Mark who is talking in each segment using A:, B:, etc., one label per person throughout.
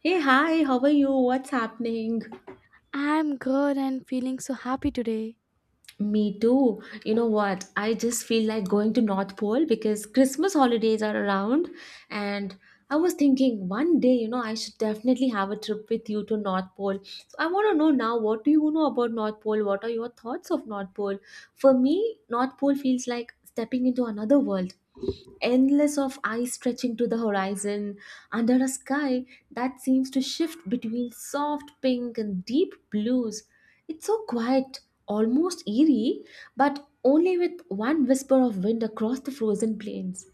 A: Hey, hi, how are you? What's happening?
B: I'm good and feeling so happy today.
A: Me too. You know what? I just feel like going to North Pole because Christmas holidays are around and I was thinking one day, you know, I should definitely have a trip with you to North Pole. So I want to know now, what do you know about North Pole? What are your thoughts of North Pole? For me, North Pole feels like stepping into another world. Endless of eyes stretching to the horizon under a sky that seems to shift between soft pink and deep blues. It's so quiet, almost eerie, but only with one whisper of wind across the frozen plains.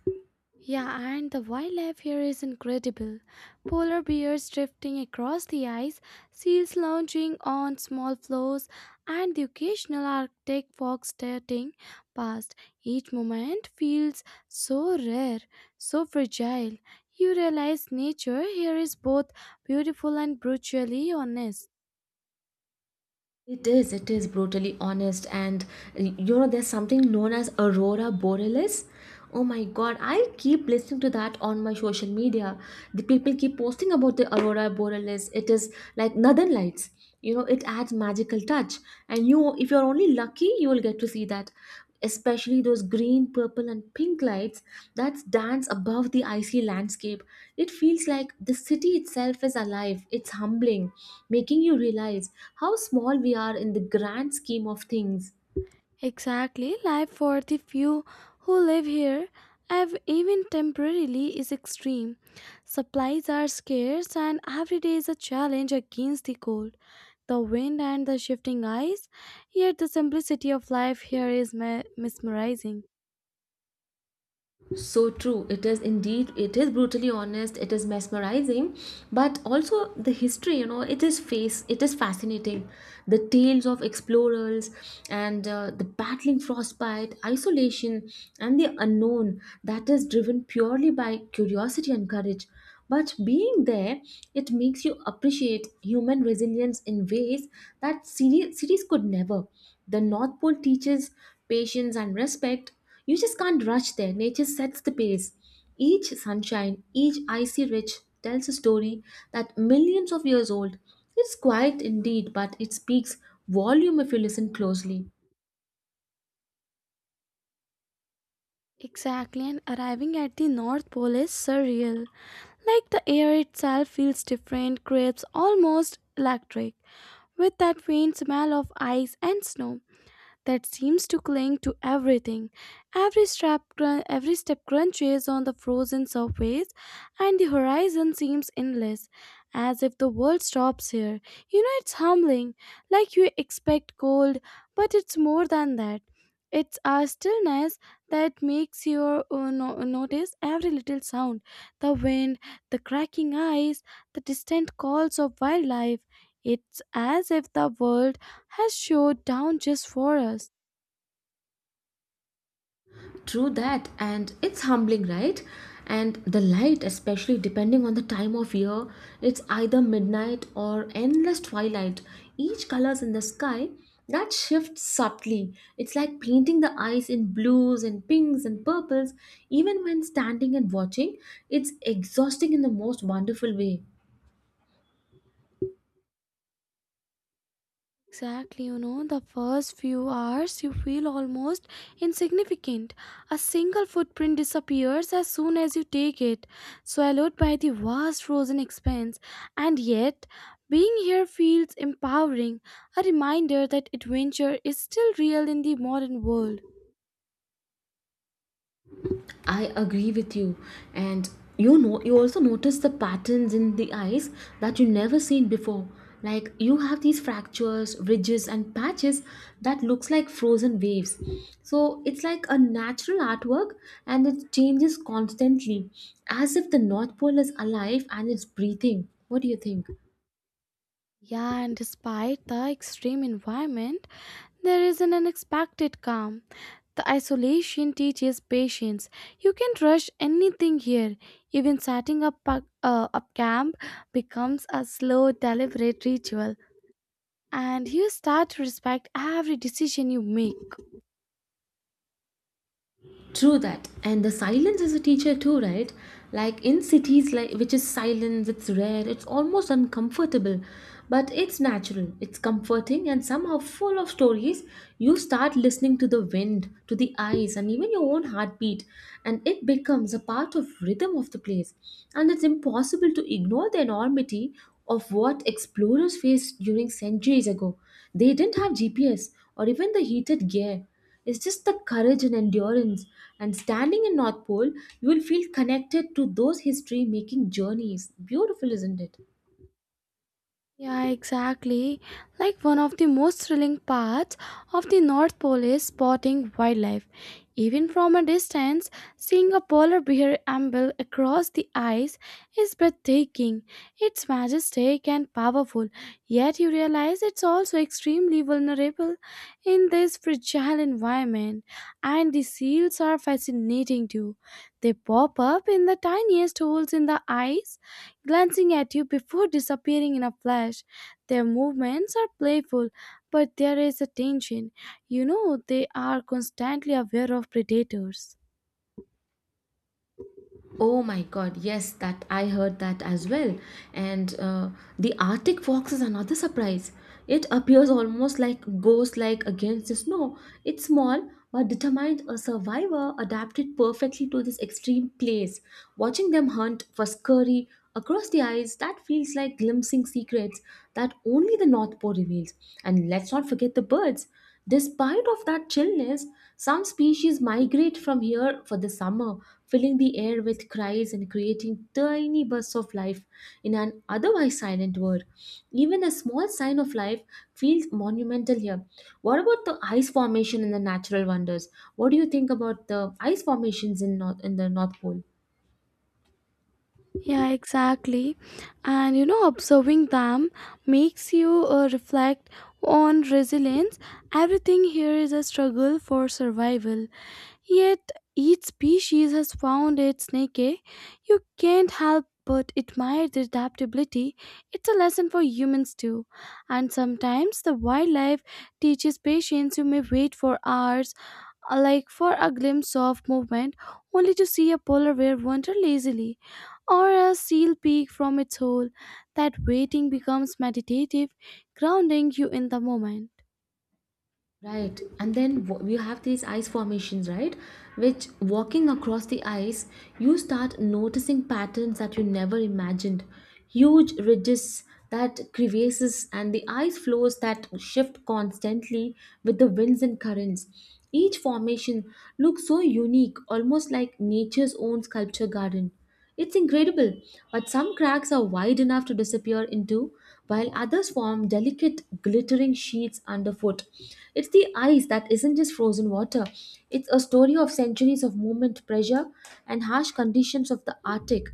B: Yeah, and the wildlife here is incredible. Polar bears drifting across the ice, seals lounging on small floes, and the occasional Arctic fox darting past. Each moment feels so rare, so fragile. You realize nature here is both beautiful and brutally honest.
A: It is brutally honest. And you know, there's something known as Aurora Borealis. Oh my god, I keep listening to that on my social media. The people keep posting about the Aurora Borealis. It is like northern lights. You know, it adds magical touch. And you, if you're only lucky, you will get to see that, especially those green, purple, and pink lights that dance above the icy landscape. It feels like the city itself is alive. It's humbling, making you realize how small we are in the grand scheme of things.
B: Exactly, life for the few who live here, even temporarily, is extreme. Supplies are scarce, and every day is a challenge against the cold, the wind, and the shifting ice. Yet, the simplicity of life here is mesmerizing.
A: So true, it is indeed, it is brutally honest, it is mesmerizing, but also the history, you know, it is face it is fascinating, the tales of explorers and the battling frostbite isolation and the unknown that is driven purely by curiosity and courage, but being there it makes you appreciate human resilience in ways that series could never. The north pole teaches patience and respect. You just can't rush there. Nature sets the pace. Each sunshine, each icy ridge tells a story that millions of years old. It's quiet indeed, but it speaks volume if you listen closely.
B: Exactly, and arriving at the North Pole is surreal. Like the air itself feels different, crisp, almost electric, with that faint smell of ice and snow that seems to cling to everything. Every step crunches on the frozen surface, and the horizon seems endless, as if the world stops here. You know, it's humbling, like you expect cold, but it's more than that. It's our stillness that makes you notice every little sound, the wind, the cracking ice, the distant calls of wildlife. It's as if the world has showed down just for us.
A: True that, and it's humbling, right? And the light, especially depending on the time of year, it's either midnight or endless twilight. Each colors in the sky that shifts subtly. It's like painting the eyes in blues and pinks and purples. Even when standing and watching, it's exhausting in the most wonderful way.
B: Exactly, you know, the first few hours you feel almost insignificant. A single footprint disappears as soon as you take it, swallowed by the vast frozen expanse. And yet, being here feels empowering, a reminder that adventure is still real in the modern world.
A: I agree with you. And you know, you also notice the patterns in the eyes that you never seen before. Like you have these fractures, ridges, and patches that looks like frozen waves. So it's like a natural artwork, and it changes constantly, as if the North Pole is alive and it's breathing. What do you think?
B: Yeah, and despite the extreme environment, there is an unexpected calm. The isolation teaches patience. You can't rush anything here. Even setting up up camp becomes a slow, deliberate ritual, and you start to respect every decision you make.
A: True that. And the silence is a teacher too, right? Like in cities like which is silence, it's rare, it's almost uncomfortable. But it's natural, it's comforting and somehow full of stories. You start listening to the wind, to the eyes, and even your own heartbeat, and it becomes a part of rhythm of the place. And it's impossible to ignore the enormity of what explorers faced during centuries ago. They didn't have GPS or even the heated gear, it's just the courage and endurance. And standing in North Pole, you will feel connected to those history making journeys. Beautiful, isn't it?
B: Yeah, exactly. Like one of the most thrilling parts of the North Pole is spotting wildlife. Even from a distance, seeing a polar bear amble across the ice is breathtaking. It's majestic and powerful, yet you realize it's also extremely vulnerable in this fragile environment. And the seals are fascinating too. They pop up in the tiniest holes in the ice, glancing at you before disappearing in a flash. Their movements are playful, but there is a tension. You know, they are constantly aware of predators.
A: Oh my god, yes, that I heard that as well. And the Arctic fox is another surprise. It appears almost like ghost like against the snow. It's small but determined, a survivor adapted perfectly to this extreme place. Watching them hunt for scurry across the ice, that feels like glimpsing secrets that only the North Pole reveals. And let's not forget the birds. Despite of that chillness, some species migrate from here for the summer, filling the air with cries and creating tiny bursts of life in an otherwise silent world. Even a small sign of life feels monumental here. What about the ice formation and the natural wonders? What do you think about the ice formations in north in the North Pole?
B: Yeah, exactly. And you know, observing them makes you reflect on resilience. Everything here is a struggle for survival. Yet each species has found its niche. You can't help but admire their adaptability. It's a lesson for humans too. And sometimes the wildlife teaches patience. You may wait for hours, like for a glimpse of movement, only to see a polar bear wander lazily or a seal peek from its hole. That waiting becomes meditative, grounding you in the moment.
A: Right, and then you have these ice formations, right? Which walking across the ice, you start noticing patterns that you never imagined. Huge ridges that crevasses and the ice flows that shift constantly with the winds and currents. Each formation looks so unique, almost like nature's own sculpture garden. It's incredible, but some cracks are wide enough to disappear into, while others form delicate, glittering sheets underfoot. It's the ice that isn't just frozen water, it's a story of centuries of movement, pressure, and harsh conditions of the Arctic.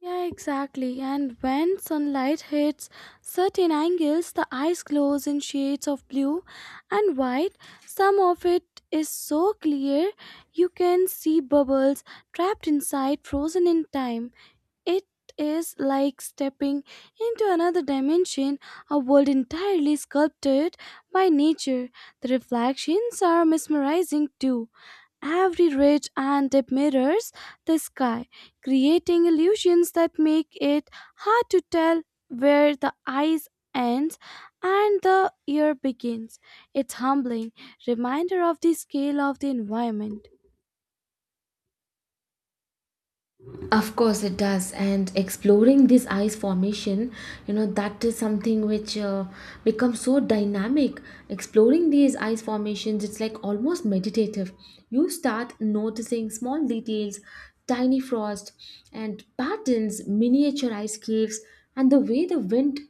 B: Yeah, exactly. And when sunlight hits certain angles, the ice glows in shades of blue and white. Some of it is so clear you can see bubbles trapped inside, frozen in time. It is like stepping into another dimension, a world entirely sculpted by nature. The reflections are mesmerizing too. Every ridge and dip mirrors the sky, creating illusions that make it hard to tell where the eyes ends and the ear begins. It's humbling reminder of the scale of the environment.
A: Of course, it does. And exploring this ice formation, you know, that is something which becomes so dynamic. Exploring these ice formations, it's like almost meditative. You start noticing small details, tiny frost, and patterns, miniature ice caves, and the way the wind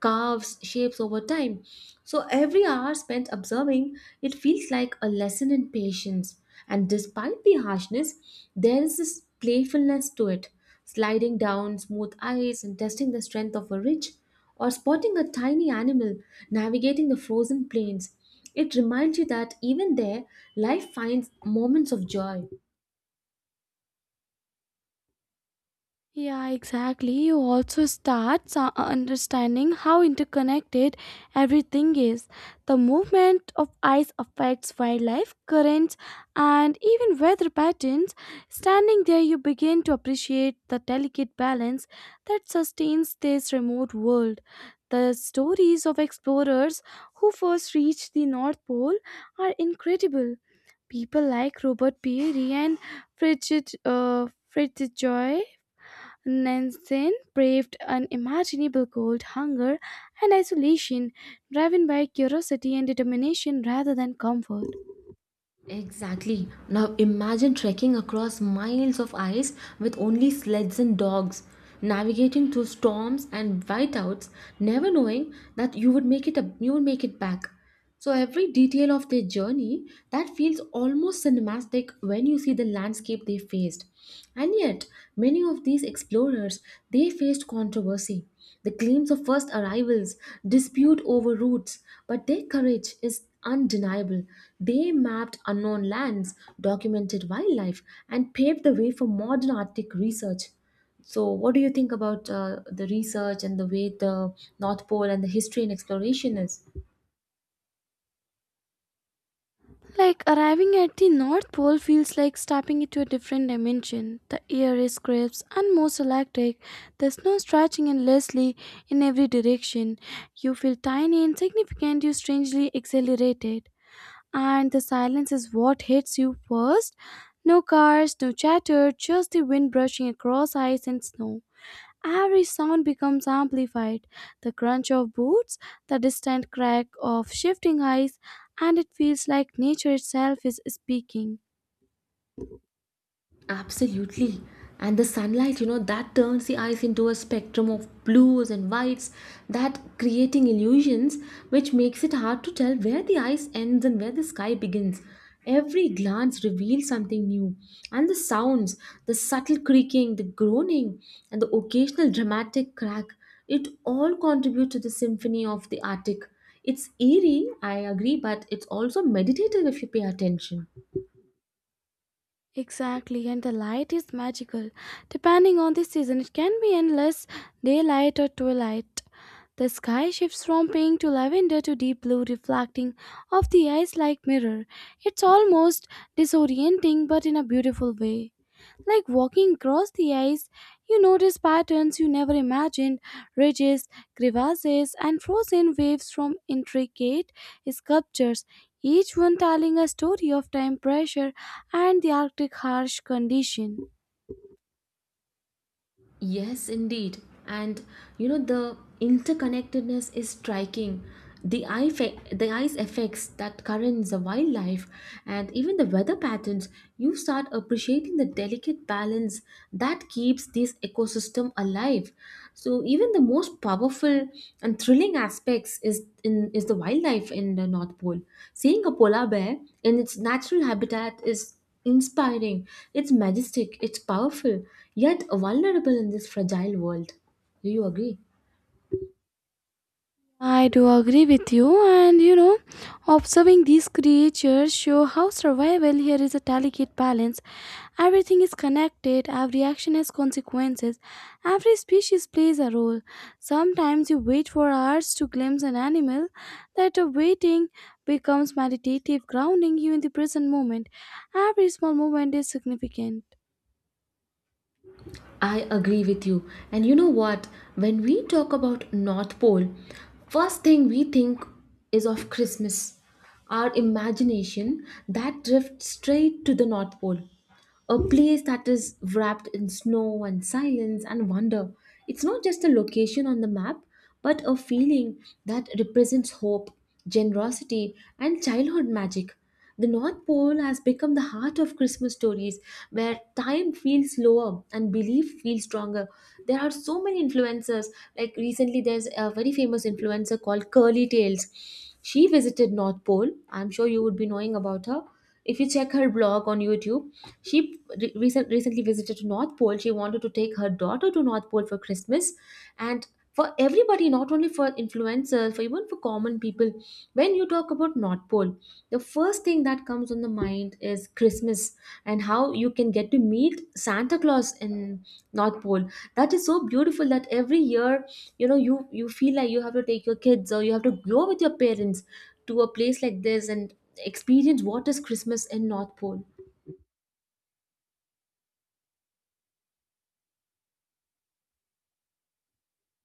A: carves shapes over time. So every hour spent observing, it feels like a lesson in patience. And despite the harshness, there is this playfulness to it, sliding down smooth ice and testing the strength of a ridge, or spotting a tiny animal navigating the frozen plains. It reminds you that even there, life finds moments of joy.
B: Yeah, exactly. You also start understanding how interconnected everything is. The movement of ice affects wildlife, currents, and even weather patterns. Standing there, you begin to appreciate the delicate balance that sustains this remote world. The stories of explorers who first reached the North Pole are incredible. People like Robert Peary and Fritz Joy Nansen braved unimaginable cold, hunger, and isolation, driven by curiosity and determination rather than comfort.
A: Exactly. Now imagine trekking across miles of ice with only sleds and dogs, navigating through storms and whiteouts, never knowing that you would make you would make it back. So every detail of their journey that feels almost cinematic when you see the landscape they faced. And yet, many of these explorers they faced controversy. The claims of first arrivals dispute over routes, but their courage is undeniable. They mapped unknown lands, documented wildlife, and paved the way for modern Arctic research. So, what do you think about the research and the way the North Pole and the history and exploration is?
B: Like arriving at the North Pole feels like stepping into a different dimension. The air is crisp and most electric, the snow stretching endlessly in every direction. You feel tiny, insignificant, you strangely exhilarated. And the silence is what hits you first. No cars, no chatter, just the wind brushing across ice and snow. Every sound becomes amplified, the crunch of boots, the distant crack of shifting ice, and it feels like nature itself is speaking.
A: Absolutely. And the sunlight, you know, that turns the ice into a spectrum of blues and whites, that creating illusions which makes it hard to tell where the ice ends and where the sky begins. Every glance reveals something new. And the sounds, the subtle creaking, the groaning, and the occasional dramatic crack, it all contribute to the symphony of the Arctic. It's eerie, I agree, but it's also meditative if you pay attention.
B: Exactly, and the light is magical. Depending on the season, it can be endless daylight or twilight. The sky shifts from pink to lavender to deep blue, reflecting off the ice like mirror. It's almost disorienting, but in a beautiful way. Like walking across the ice, you notice patterns you never imagined, ridges, crevasses, and frozen waves from intricate sculptures, each one telling a story of time pressure and the Arctic harsh condition.
A: Yes, indeed. And you know, the interconnectedness is striking. The eye's effects, that currents, the wildlife, and even the weather patterns, you start appreciating the delicate balance that keeps this ecosystem alive. So even the most powerful and thrilling aspects is the wildlife in the North Pole. Seeing a polar bear in its natural habitat is inspiring, it's majestic, it's powerful, yet vulnerable in this fragile world. Do you agree?
B: I do agree with you, and you know, observing these creatures show how survival here is a delicate balance. Everything is connected, every action has consequences, every species plays a role. Sometimes you wait for hours to glimpse an animal. That waiting becomes meditative, grounding you in the present moment. Every small moment is significant.
A: I agree with you. And you know what? When we talk about North Pole, first thing we think is of Christmas. Our imagination that drifts straight to the North Pole, a place that is wrapped in snow and silence and wonder. It's not just a location on the map, but a feeling that represents hope, generosity, and childhood magic. The North Pole has become the heart of Christmas stories where time feels slower and belief feels stronger. There are so many influencers. Like recently, there's a very famous influencer called Curly Tails. She visited North Pole. I'm sure you would be knowing about her. If you check her blog on YouTube, she recently visited to North Pole. She wanted to take her daughter to North Pole for Christmas, and for everybody, not only for influencers, for even for common people, when you talk about North Pole, the first thing that comes on the mind is Christmas and how you can get to meet Santa Claus in North Pole. That is so beautiful that every year, you know, you feel like you have to take your kids or you have to go with your parents to a place like this and experience what is Christmas in North Pole.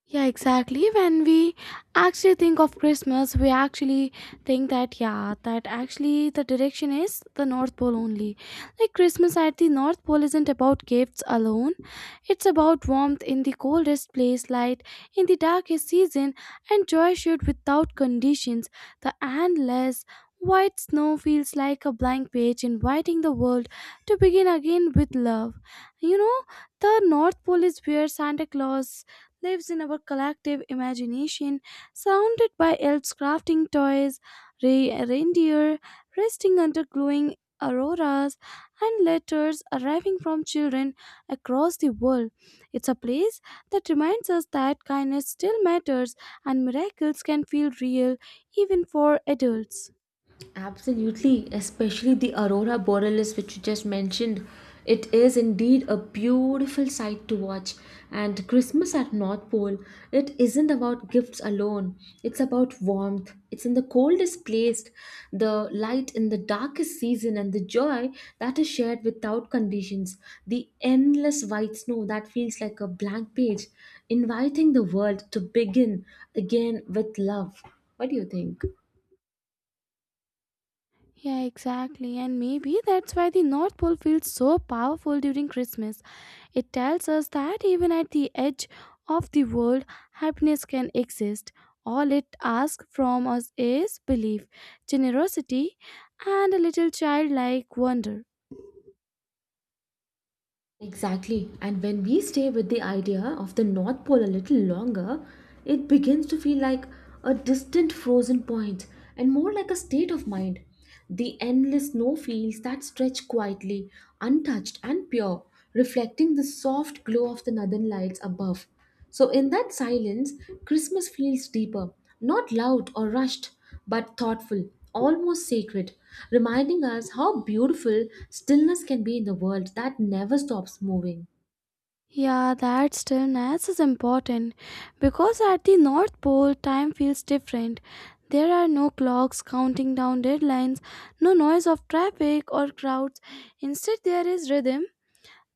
B: Yeah, exactly. When we actually think of Christmas, we actually think that, yeah, that actually the direction is the North Pole only. Like, Christmas at the North Pole isn't about gifts alone, it's about warmth in the coldest place, light in the darkest season, and joy shared without conditions. The endless white snow feels like a blank page inviting the world to begin again with love. You know, the North Pole is where Santa Claus lives in our collective imagination, surrounded by elves crafting toys, reindeer resting under glowing auroras, and letters arriving from children across the world. It's a place that reminds us that kindness still matters and miracles can feel real even for adults.
A: Absolutely, especially the aurora borealis which you just mentioned. It is indeed a beautiful sight to watch. And Christmas at North Pole, it isn't about gifts alone. It's about warmth. It's in the coldest place, the light in the darkest season, and the joy that is shared without conditions. The endless white snow that feels like a blank page, inviting the world to begin again with love. What do you think?
B: Yeah, exactly. And maybe that's why the North Pole feels so powerful during Christmas. It tells us that even at the edge of the world, happiness can exist. All it asks from us is belief, generosity, and a little childlike wonder.
A: Exactly. And when we stay with the idea of the North Pole a little longer, it begins to feel like a distant frozen point and more like a state of mind. The endless snowfields that stretch quietly, untouched and pure, reflecting the soft glow of the northern lights above. So, in that silence, Christmas feels deeper, not loud or rushed, but thoughtful, almost sacred, reminding us how beautiful stillness can be in the world that never stops moving.
B: Yeah, that stillness is important because at the North Pole, time feels different. There are no clocks counting down deadlines, no noise of traffic or crowds. Instead, there is rhythm,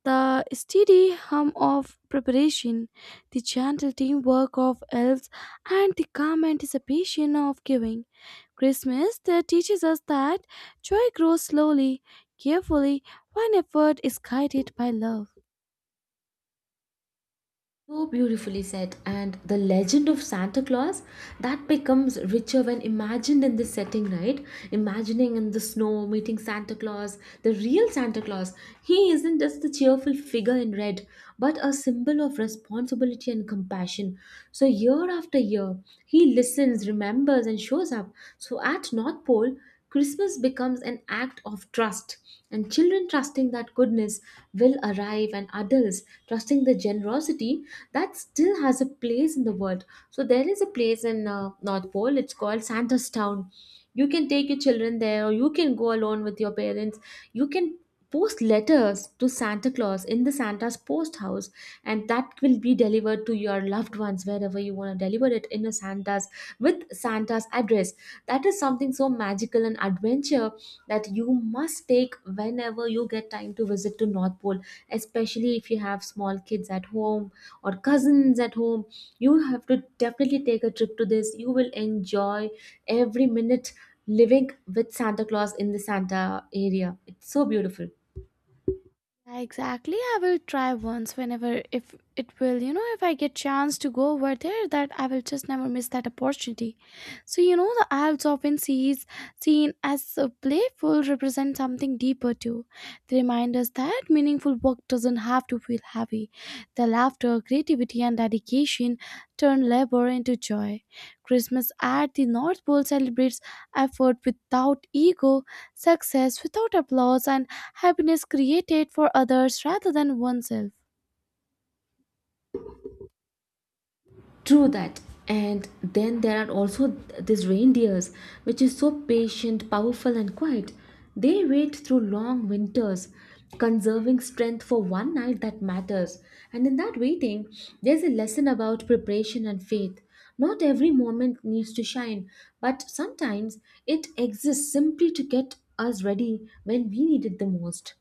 B: the steady hum of preparation, the gentle teamwork of elves, and the calm anticipation of giving. Christmas that teaches us that joy grows slowly, carefully, when effort is guided by love.
A: So beautifully said, and the legend of Santa Claus that becomes richer when imagined in this setting, right? Imagining in the snow, meeting Santa Claus, the real Santa Claus. He isn't just the cheerful figure in red, but a symbol of responsibility and compassion. So, year after year, he listens, remembers, and shows up. So, at North Pole, Christmas becomes an act of trust, and children trusting that goodness will arrive, and adults trusting the generosity that still has a place in the world. So, there is a place in North Pole, it's called Santa's Town. You can take your children there, or you can go alone with your parents. You can post letters to Santa Claus in the Santa's post house, and that will be delivered to your loved ones wherever you want to deliver it in a Santa's with Santa's address that is something so magical and adventure that you must take whenever you get time to visit to North Pole, especially if you have small kids at home or cousins at home. You have to definitely take a trip to this. You will enjoy every minute living with Santa Claus in the Santa area. It's so beautiful.
B: Yeah, exactly, I will try once whenever if it will, you know, if I get chance to go over there, that I will just never miss that opportunity. So you know, the Alps often sees seen as playful represent something deeper too. They remind us that meaningful work doesn't have to feel heavy. The laughter, creativity, and dedication turn labor into joy. Christmas at the North Pole celebrates effort without ego, success without applause, and happiness created for others rather than oneself.
A: True that. And then there are also these reindeers, which is so patient, powerful, and quiet. They wait through long winters, conserving strength for one night that matters. And in that waiting, there's a lesson about preparation and faith. Not every moment needs to shine, but sometimes it exists simply to get us ready when we need it the most.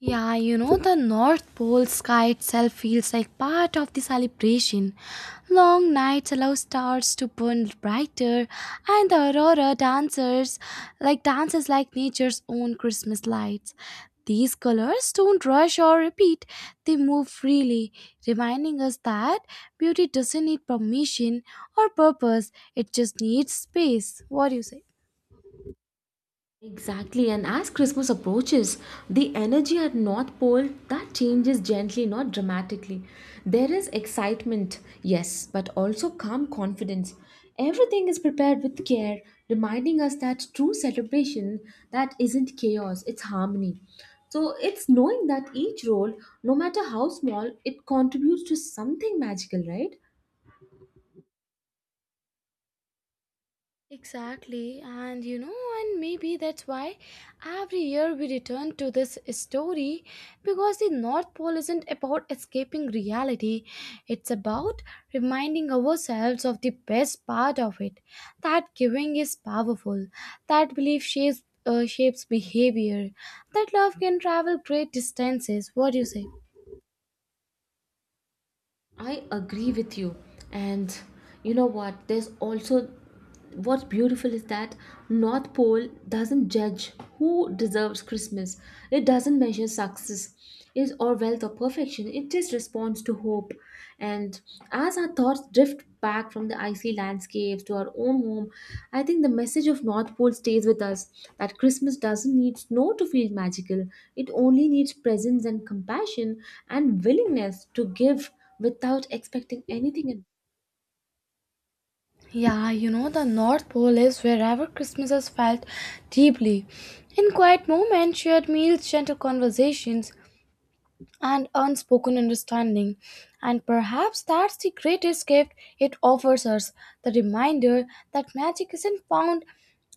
B: Yeah, you know, the North Pole sky itself feels like part of the celebration. Long nights allow stars to burn brighter, and the aurora dancers like dances like nature's own Christmas lights. These colors don't rush or repeat, they move freely, reminding us that beauty doesn't need permission or purpose, it just needs space. What do you say?
A: Exactly, and as Christmas approaches, the energy at North Pole that changes gently, not dramatically. There is excitement, yes, but also calm confidence. Everything is prepared with care, reminding us that true celebration that isn't chaos, it's harmony. So it's knowing that each role, no matter how small, it contributes to something magical, right?
B: Exactly, and you know, and maybe that's why every year we return to this story because the North Pole isn't about escaping reality, it's about reminding ourselves of the best part of it, that giving is powerful, that belief shapes behavior, that love can travel great distances. What do you say?
A: I agree with you. And you know what? There's also what's beautiful is that North Pole doesn't judge who deserves Christmas. It doesn't measure success is or wealth or perfection. It just responds to hope. And as our thoughts drift back from the icy landscapes to our own home, I think the message of North Pole stays with us that Christmas doesn't need snow to feel magical. It only needs presence and compassion and willingness to give without expecting anything in
B: Yeah, you know, the North Pole is wherever Christmas is felt deeply. In quiet moments, shared meals, gentle conversations, and unspoken understanding. And perhaps that's the greatest gift it offers us, the reminder that magic isn't found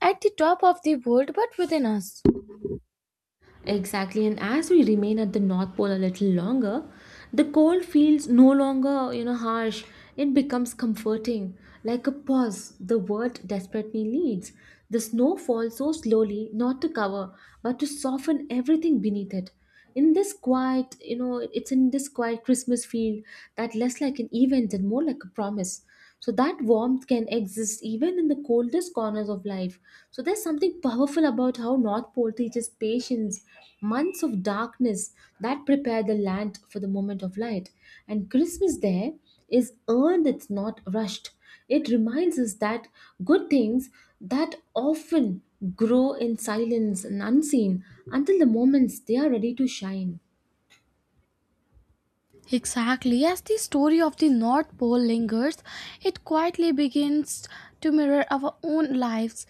B: at the top of the world but within us.
A: exactly and as we remain at the North Pole a little longer, the cold feels no longer, harsh, it becomes comforting, like a pause the world desperately needs. The snow falls so slowly, not to cover but to soften everything beneath it. In this quiet, it's in this quiet Christmas field, that less like an event and more like a promise. So that warmth can exist even in the coldest corners of life. So there's something powerful about how North Pole teaches patience, months of darkness that prepare the land for the moment of light. And Christmas there is earned, it's not rushed. It reminds us that good things that often grow in silence and unseen until the moments they are ready to shine.
B: Exactly. As the story of the North Pole lingers, it quietly begins to mirror our own lives.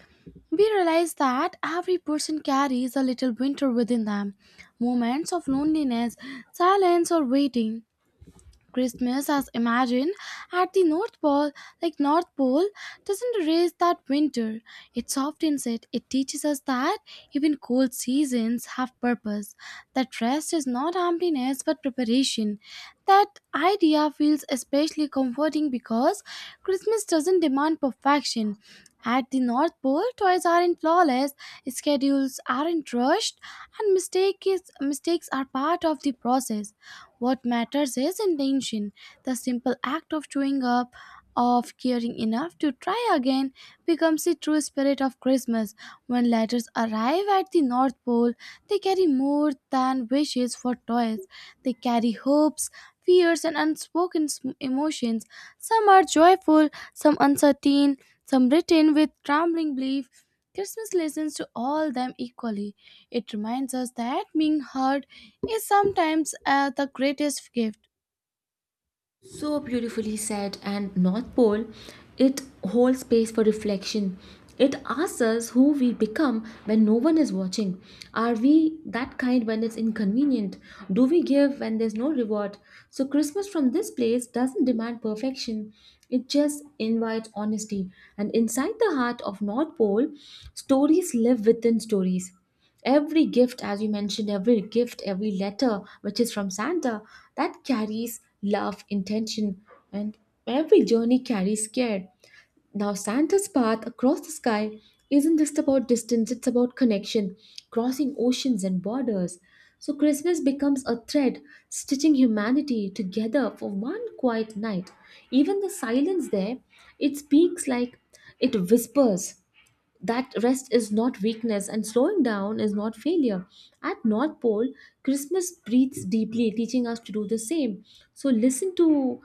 B: We realize that every person carries a little winter within them, moments of loneliness, silence, or waiting. Christmas as imagined at the North Pole, like North Pole, doesn't erase that winter. It softens it. It teaches us that even cold seasons have purpose. That rest is not emptiness but preparation. That idea feels especially comforting because Christmas doesn't demand perfection. At the North Pole, toys aren't flawless, schedules aren't rushed, and mistakes are part of the process. What matters is intention, the simple act of showing up, of caring enough to try again, becomes the true spirit of Christmas. When letters arrive at the North Pole, they carry more than wishes for toys. They carry hopes, fears, and emotions. Some are joyful, some uncertain, some written with trembling belief. Christmas listens to all them equally. It reminds us that being heard is sometimes the greatest gift.
A: So beautifully said, and North Pole, it holds space for reflection. It asks us who we become when no one is watching. Are we that kind when it's inconvenient? Do we give when there's no reward? So, Christmas from this place doesn't demand perfection, it just invites honesty. And inside the heart of North Pole, stories live within stories. Every gift, as you mentioned, every gift, every letter which is from Santa, that carries love, intention, and every journey carries care. Now, Santa's path across the sky isn't just about distance, it's about connection, crossing oceans and borders. So, Christmas becomes a thread stitching humanity together for one quiet night. Even the silence there, it speaks like it whispers that rest is not weakness and slowing down is not failure. At North Pole, Christmas breathes deeply, teaching us to do the same. So listen to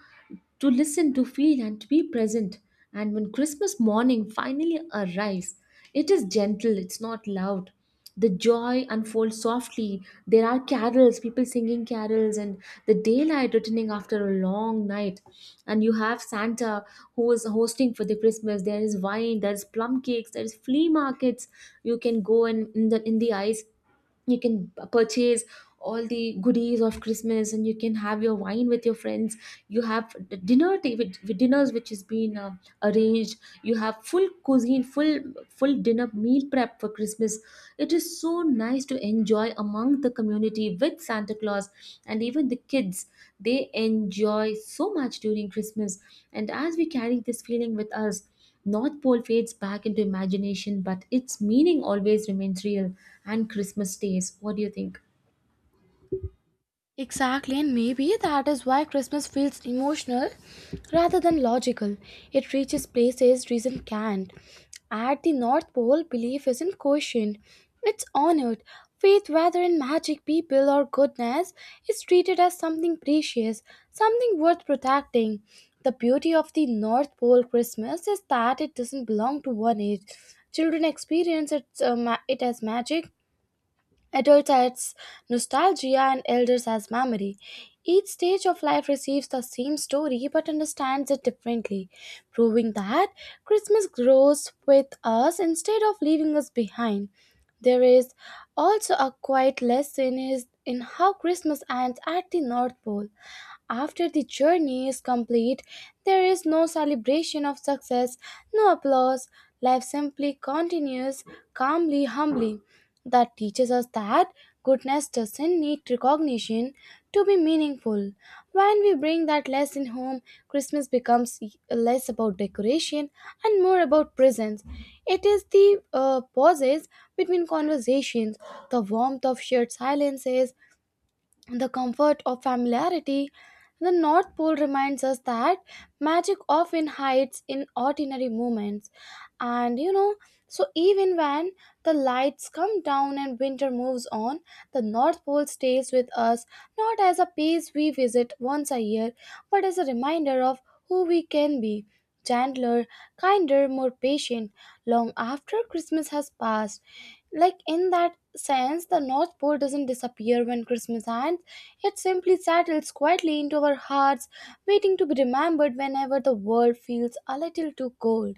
A: listen, to feel, and to be present. And when Christmas morning finally arrives, it is gentle, it's not loud. The joy unfolds softly. There are carols, people singing carols, and the daylight returning after a long night. And you have Santa who is hosting for the Christmas. There is wine, there is plum cakes, there is flea markets. You can go and in the ice you can purchase all the goodies of Christmas, and you can have your wine with your friends. You have the dinner ta- with dinners which has been arranged. You have full cuisine, full dinner meal prep for Christmas. It is so nice to enjoy among the community with Santa Claus, and even the kids, they enjoy so much during Christmas. And as we carry this feeling with us, North Pole fades back into imagination, but its meaning always remains real and Christmas stays. What do you think?
B: Exactly, and maybe that is why Christmas feels emotional rather than logical. It reaches places reason can't. At the North Pole, belief isn't questioned, it's honored. Faith, whether in magic, people, or goodness, is treated as something precious, something worth protecting. The beauty of the North Pole Christmas is that it doesn't belong to one age. Children experience it as magic, adults as nostalgia, and elders as memory. Each stage of life receives the same story but understands it differently, proving that Christmas grows with us instead of leaving us behind. There is also a quiet lesson is in how Christmas ends at the North Pole. After the journey is complete, there is no celebration of success, no applause. Life simply continues calmly, humbly. That teaches us that goodness doesn't need recognition to be meaningful. When we bring that lesson home, Christmas becomes less about decoration and more about presence. It is the pauses between conversations, the warmth of shared silences, the comfort of familiarity. The North Pole reminds us that magic often hides in ordinary moments. And you know, so even when the lights come down and winter moves on, the North Pole stays with us, not as a place we visit once a year, but as a reminder of who we can be, gentler, kinder, more patient, long after Christmas has passed. Like in that sense, the North Pole doesn't disappear when Christmas ends, it simply settles quietly into our hearts, waiting to be remembered whenever the world feels a little too cold.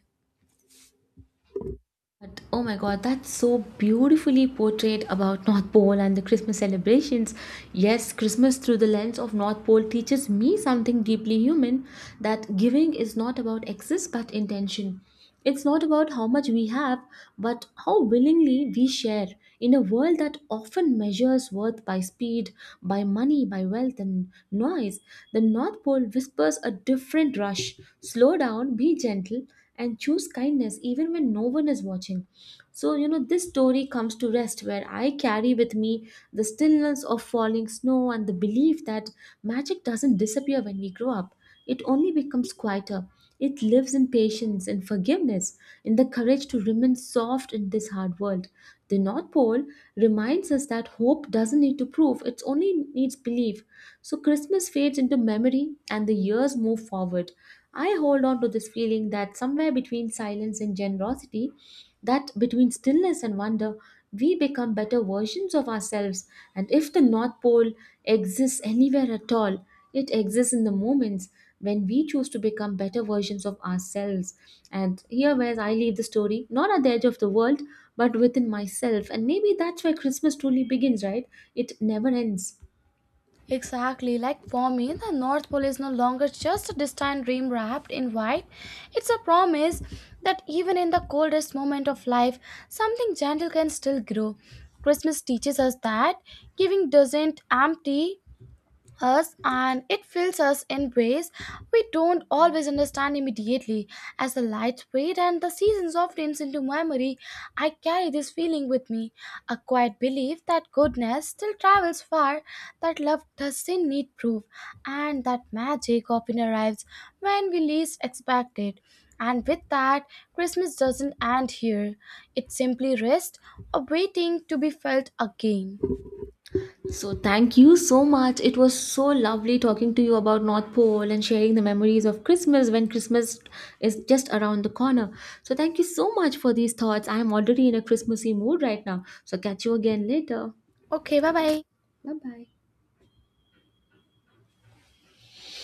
A: But oh my god, that's so beautifully portrayed about North Pole and the Christmas celebrations. Yes, Christmas through the lens of North Pole teaches me something deeply human, that giving is not about excess but intention. It's not about how much we have, but how willingly we share in a world that often measures worth by speed, by money, by wealth, and noise. The North Pole whispers a different rush. Slow down, be gentle, and choose kindness even when no one is watching. So, you know, this story comes to rest where I carry with me the stillness of falling snow and the belief that magic doesn't disappear when we grow up. It only becomes quieter. It lives in patience, in forgiveness, in the courage to remain soft in this hard world. The North Pole reminds us that hope doesn't need to prove, it only needs belief. So Christmas fades into memory and the years move forward. I hold on to this feeling that somewhere between silence and generosity, that between stillness and wonder, we become better versions of ourselves. And if the North Pole exists anywhere at all, it exists in the moments when we choose to become better versions of ourselves. And here, where I leave the story, not at the edge of the world, but within myself. And maybe that's where Christmas truly begins, right? It never ends.
B: Exactly, like for me the North Pole is no longer just a distant dream wrapped in white. It's a promise that even in the coldest moment of life, something gentle can still grow. Christmas teaches us that giving doesn't empty us, and it fills us in ways we don't always understand immediately. As the lights fade and the season softens into memory, I carry this feeling with me, a quiet belief that goodness still travels far, that love doesn't need proof, and that magic often arrives when we least expect it. And with that, Christmas doesn't end here. It simply rests, awaiting to be felt again.
A: So thank you so much. It was so lovely talking to you about North Pole and sharing the memories of Christmas when Christmas is just around the corner. So thank you so much for these thoughts. I am already in a Christmassy mood right now. So catch you again later.
B: Okay, bye bye.
A: Bye bye.